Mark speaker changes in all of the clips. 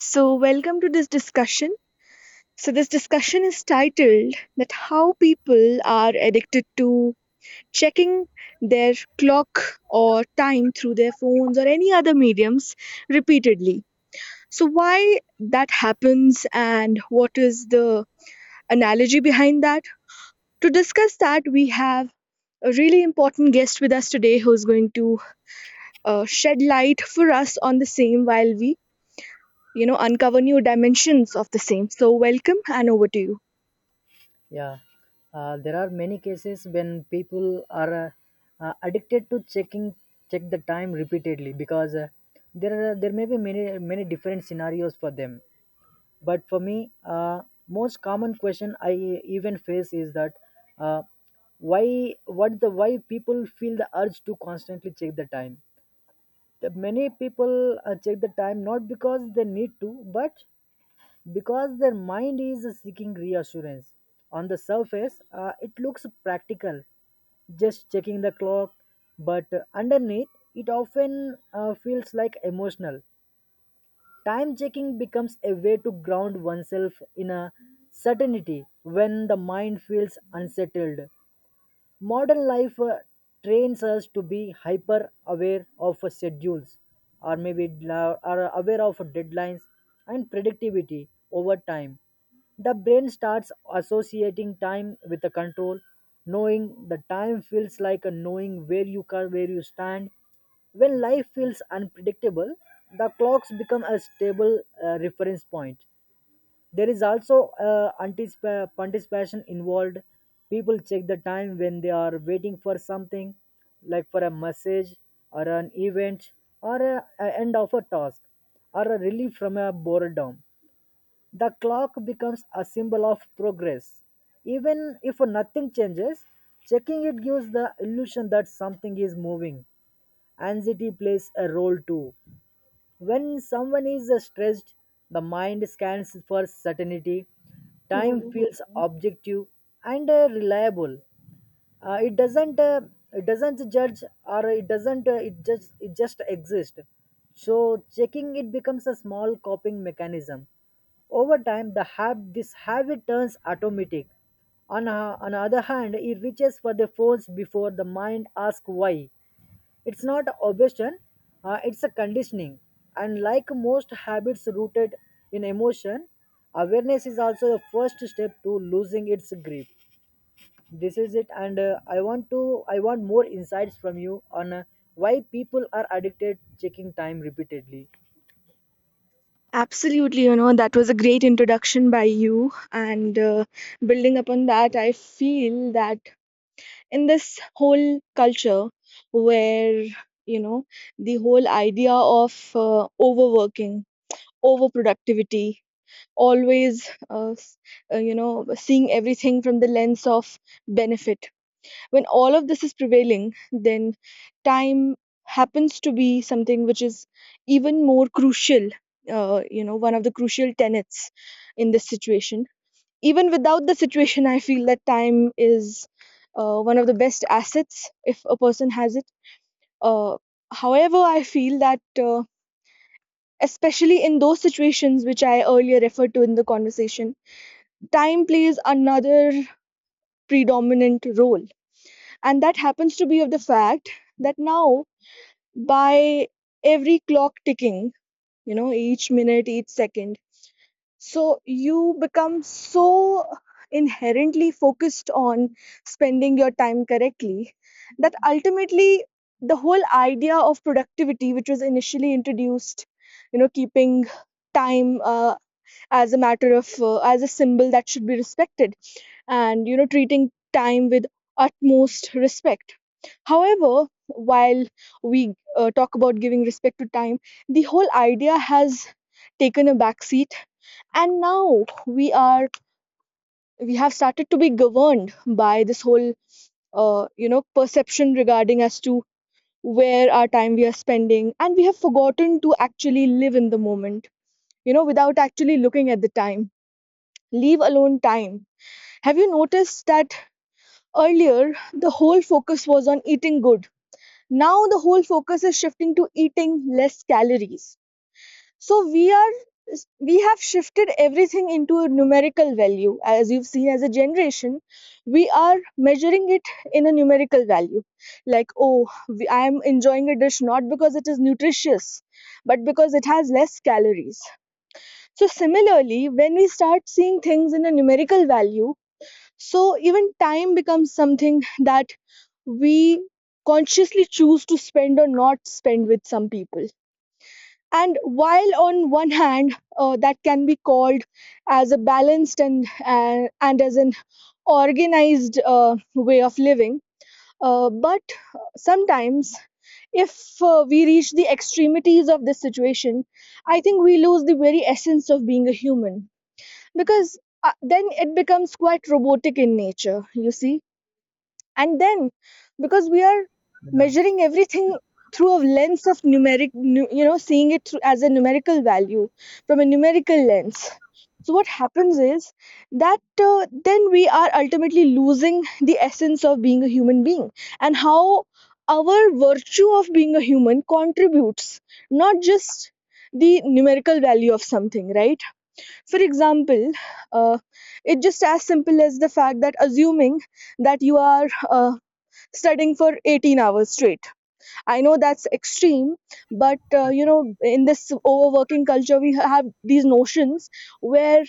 Speaker 1: So, welcome to this discussion. So, this discussion is titled that how people are addicted to checking their clock or time through their phones or any other mediums repeatedly. So, why that happens and what is the analogy behind that? To discuss that, we have a really important guest with us today who's going to shed light for us on the same while we uncover new dimensions of the same. So welcome and over to you.
Speaker 2: Yeah, there are many cases when people are addicted to check the time repeatedly because there may be many many different scenarios for them. But for me, most common question I even face is that uh, why people feel the urge to constantly check the time. The many people check the time not because they need to, but because their mind is seeking reassurance. On the surface, it looks practical, just checking the clock, but underneath, it often feels like emotional. Time checking becomes a way to ground oneself in a certainty when the mind feels unsettled. Modern life trains us to be hyper aware of schedules, or maybe are aware of deadlines and predictability. Over time the brain starts associating time with a control. Knowing the time feels like a knowing where you stand when life feels unpredictable. The clocks become a stable reference point. There is also anticipation involved. People check the time when they are waiting for something, like for a message or an event or a end of a task or a relief from a boredom. The clock becomes a symbol of progress. Even if nothing changes, checking it gives the illusion that something is moving. Anxiety plays a role too. When someone is stressed, the mind scans for certainty. Time
Speaker 1: Oh,
Speaker 2: feels objective and reliable. Uh, it doesn't uh, it doesn't judge, or it doesn't it just exists. So checking it becomes a small coping mechanism. Over time, this habit turns automatic. On the other hand, it reaches for the phones before the mind asks why. It's not obsession, it's a conditioning. And like most habits rooted in emotion, awareness is also the first step to losing its grip. This is it, and I want more insights from you on why people are addicted checking time repeatedly.
Speaker 1: absolutely. You know, that was a great introduction by you. And building upon that, I feel that in this whole culture where, you know, the whole idea of overworking, overproductivity, always, you know, seeing everything from the lens of benefit. When all of this is prevailing, then time happens to be something which is even more crucial, you know, one of the crucial tenets in this situation. Even without the situation, I feel that time is one of the best assets if a person has it. uh, However, I feel that especially in those situations which I earlier referred to in the conversation, time plays another predominant role, and that happens to be of the fact that now, by every clock ticking, you know, each minute, each second. So you become so inherently focused on spending your time correctly that ultimately the whole idea of productivity, which was initially introduced, you know, keeping time as a matter of, as a symbol that should be respected, and, you know, treating time with utmost respect. However, while we talk about giving respect to time, the whole idea has taken a back seat, and now we are, we have started to be governed by this whole you know perception regarding as to where our time we are spending, and we have forgotten to actually live in the moment, you know, without actually looking at the time. Leave alone time, have you noticed that earlier the whole focus was on eating good? Now the whole focus is shifting to eating less calories. So we are, we have shifted everything into a numerical value. As you've seen, as a generation, we are measuring it in a numerical value. Like, oh, I am enjoying a dish not because it is nutritious, but because it has less calories. So similarly, when we start seeing things in a numerical value, so even time becomes something that we consciously choose to spend or not spend with some people. And while on one hand that can be called as a balanced and as an organized way of living, but sometimes, if we reach the extremities of this situation, I think we lose the very essence of being a human because then it becomes quite robotic in nature. You see, and then, because we are
Speaker 2: Yeah,
Speaker 1: measuring everything through a lens of you know seeing it through as a numerical value, from a numerical lens. So what happens is that then we are ultimately losing the essence of being a human being, and how our virtue of being a human contributes, not just the numerical value of something, right? For example, uh, it's just as simple as the fact that assuming that you are uh, studying for 18 hours straight. I know that's extreme, but you know, in this overworking culture, we have these notions where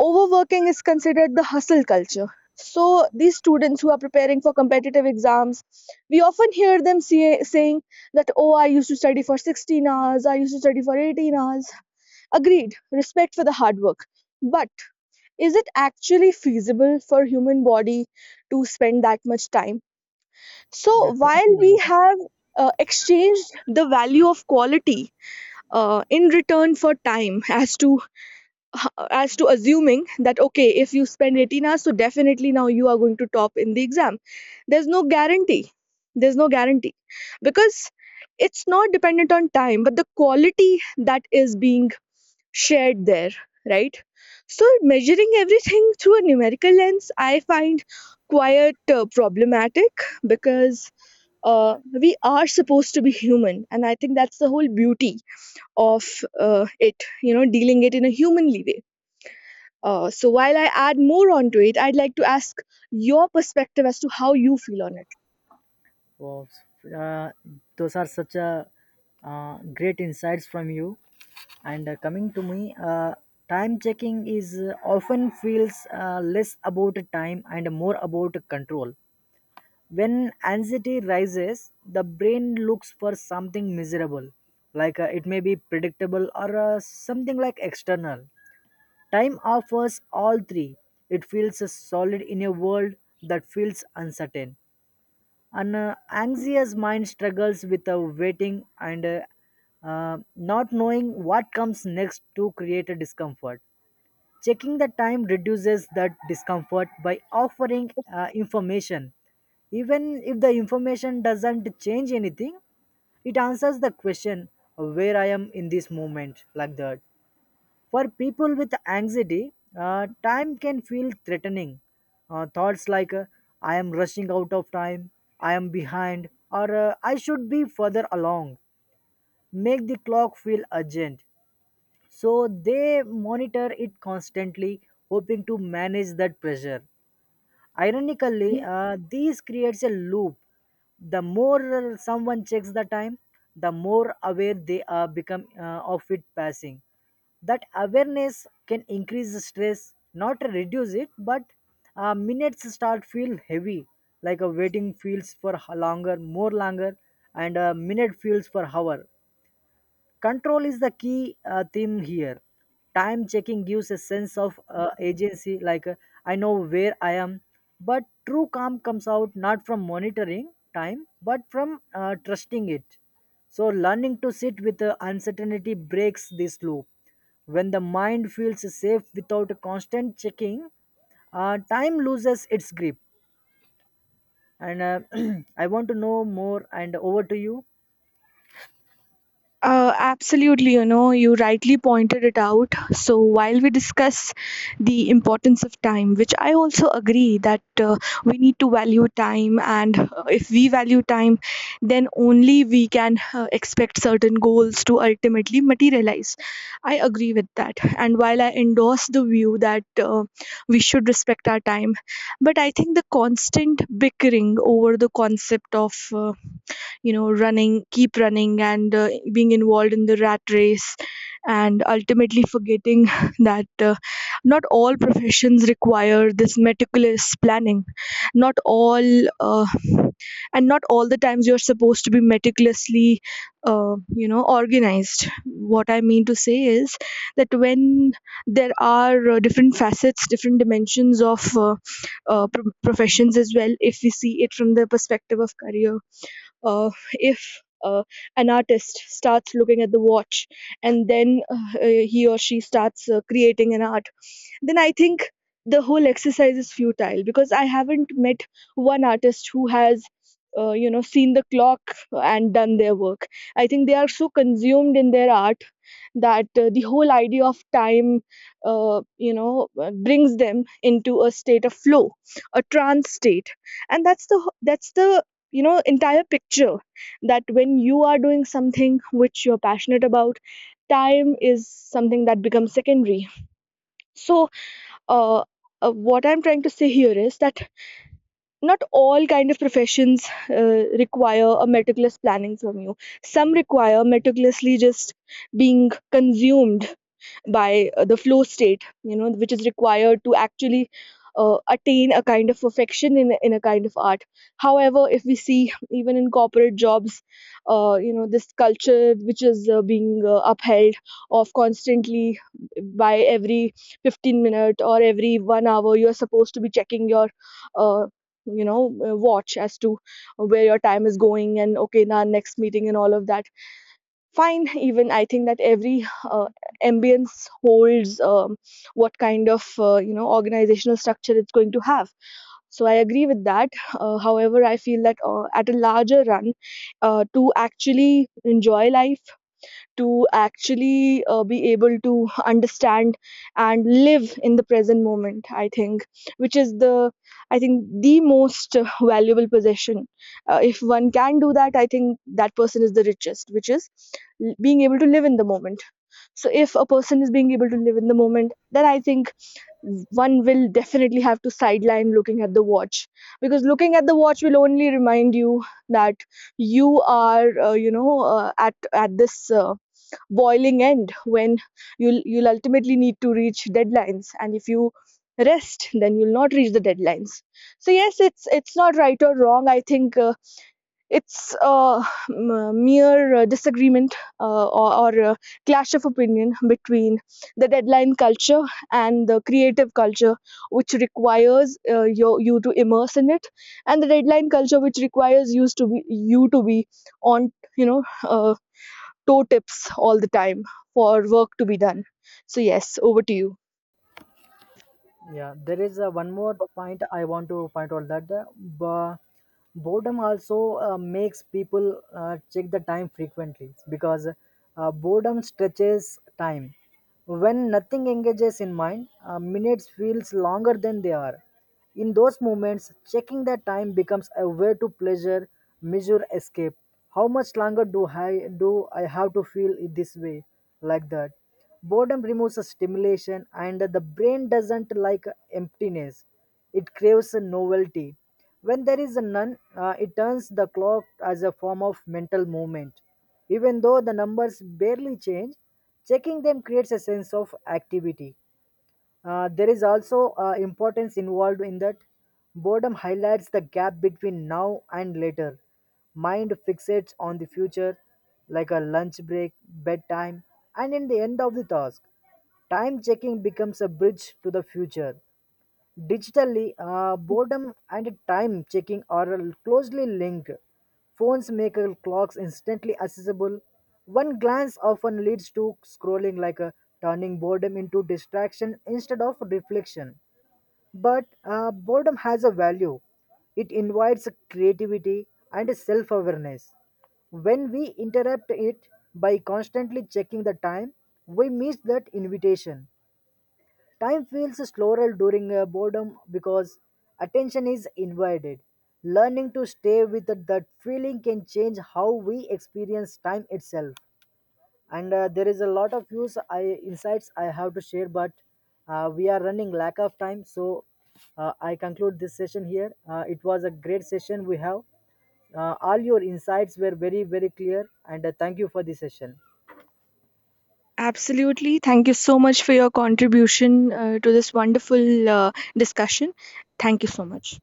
Speaker 1: overworking is considered the hustle culture. So these students who are preparing for competitive exams, we often hear them saying that, oh, I used to study for 16 hours, I used to study for 18 hours. Agreed, respect for the hard work, but is it actually feasible for human body to spend that much time? So while
Speaker 2: definitely.
Speaker 1: we
Speaker 2: Not.
Speaker 1: have exchanged the value of quality in return for time, as to as to assuming that okay, if you spend 18 hours, so definitely now you are going to top in the exam. There's no guarantee. There's no guarantee, because it's not dependent on time, but the quality that is being shared there, right? So measuring everything through a numerical lens, I find quite problematic, because we are supposed to be human, and I think that's the whole beauty of it, you know, dealing it in a humanly way. So while I add more onto it, I'd like to ask your perspective as to how you feel on it.
Speaker 2: Wow. Uh, those are such a great insights from you. And coming to me, time checking is often feels less about time and more about control. When anxiety rises, the brain looks for something miserable, like it may be predictable or something like external. Time offers all three. It feels solid in a world that feels uncertain. An anxious mind struggles with waiting and not knowing what comes next to create a discomfort. Checking the time reduces that discomfort by offering information, even if the information doesn't change anything. It answers the question of where I am in this moment, like that. For people with anxiety, time can feel threatening. Thoughts like, I am rushing out of time, I am behind, or I should be further along make the clock feel urgent. So they monitor it constantly, hoping to manage that pressure. Ironically, this creates a loop. The more someone checks the time, the more aware they are become of it passing. That awareness can increase the stress, not reduce it, but minutes start feel heavy, like a waiting feels for longer more longer, and a minute feels for hour. Control is the key theme here. Time checking gives a sense of agency, like I know where I am. But true calm comes out not from monitoring time, but from trusting it. So, learning to sit with uncertainty breaks this loop. When the mind feels safe without a constant checking, time loses its grip. And I want to know more, and over to you.
Speaker 1: Absolutely, you know, you rightly pointed it out. So while we discuss the importance of time, which I also agree that we need to value time, and if we value time, then only we can expect certain goals to ultimately materialize. I agree with that. And while I endorse the view that we should respect our time, but I think the constant bickering over the concept of you know running keep running and being involved in the rat race, and ultimately forgetting that not all professions require this meticulous planning, not all, uh, and not all the times you're supposed to be meticulously uh, you know organized. What I mean to say is that when there are different facets, different dimensions of professions as well, if we see it from the perspective of career, if an artist starts looking at the watch and then he or she starts creating an art, then I think the whole exercise is futile, because I haven't met one artist who has, you know, seen the clock and done their work. I think they are so consumed in their art that the whole idea of time, brings them into a state of flow, a trance state, and that's the, you know, entire picture that when you are doing something which you're passionate about, time is something that becomes secondary. So uh, what I'm trying to say here is that not all kind of professions require a meticulous planning from you. Some require meticulously just being consumed by the flow state, you know, which is required to actually attain a kind of perfection in a kind of art. However, if we see even in corporate jobs, you know, this culture which is being upheld of constantly, by every 15 minute or every 1 hour you're supposed to be checking your uh, you know watch as to where your time is going, and okay now next meeting and all of that. Fine, even I think that every ambience holds what kind of you know organizational structure it's going to have. So I agree with that. However, I feel that at a larger run, to actually enjoy life, to actually be able to understand and live in the present moment, I think, which is the I think the most valuable possession. If one can do that, I think that person is the richest, which is being able to live in the moment. So if a person is being able to live in the moment, then I think one will definitely have to sideline looking at the watch, because looking at the watch will only remind you that you are at this uh, boiling end, when you'll ultimately need to reach deadlines, and if you rest then you'll not reach the deadlines. So yes, it's not right or wrong. I think it's a mere disagreement or a clash of opinion between the deadline culture and the creative culture, which requires you to immerse in it, and the deadline culture which requires you to be on, you know, toe tips all the time for work to be done. So, yes, over to you.
Speaker 2: Yeah, there is one more point I want to point out, that boredom also makes people check the time frequently because boredom stretches time. When nothing engages in mind, minutes feels longer than they are. In those moments, checking the time becomes a way to pleasure, measure escape. How much longer do I have to feel in this way, like that? Boredom removes a stimulation, and the brain doesn't like emptiness. It craves a novelty. When there is a none, it turns the clock as a form of mental movement. Even though the numbers barely change, checking them creates a sense of activity. There is also importance involved in that boredom highlights the gap between now and later. Mind fixates on the future, like a lunch break, bedtime, and in the end of the task. Time checking becomes a bridge to the future. Digitally, boredom and time checking are closely linked. Phones make clocks instantly accessible. One glance often leads to scrolling, like turning boredom into distraction instead of reflection. But boredom has a value, it invites creativity and self awareness. When we interrupt it by constantly checking the time, we miss that invitation. Time feels slower during boredom because attention is invited. Learning to stay with that feeling can change how we experience time itself. And there is a lot of insights I have to share, but we are running lack of time. So I conclude this session here. It was a great session we have. All your insights were very very clear, and thank you for this session.
Speaker 1: Absolutely. Thank you so much for your contribution to this wonderful discussion. Thank you so much.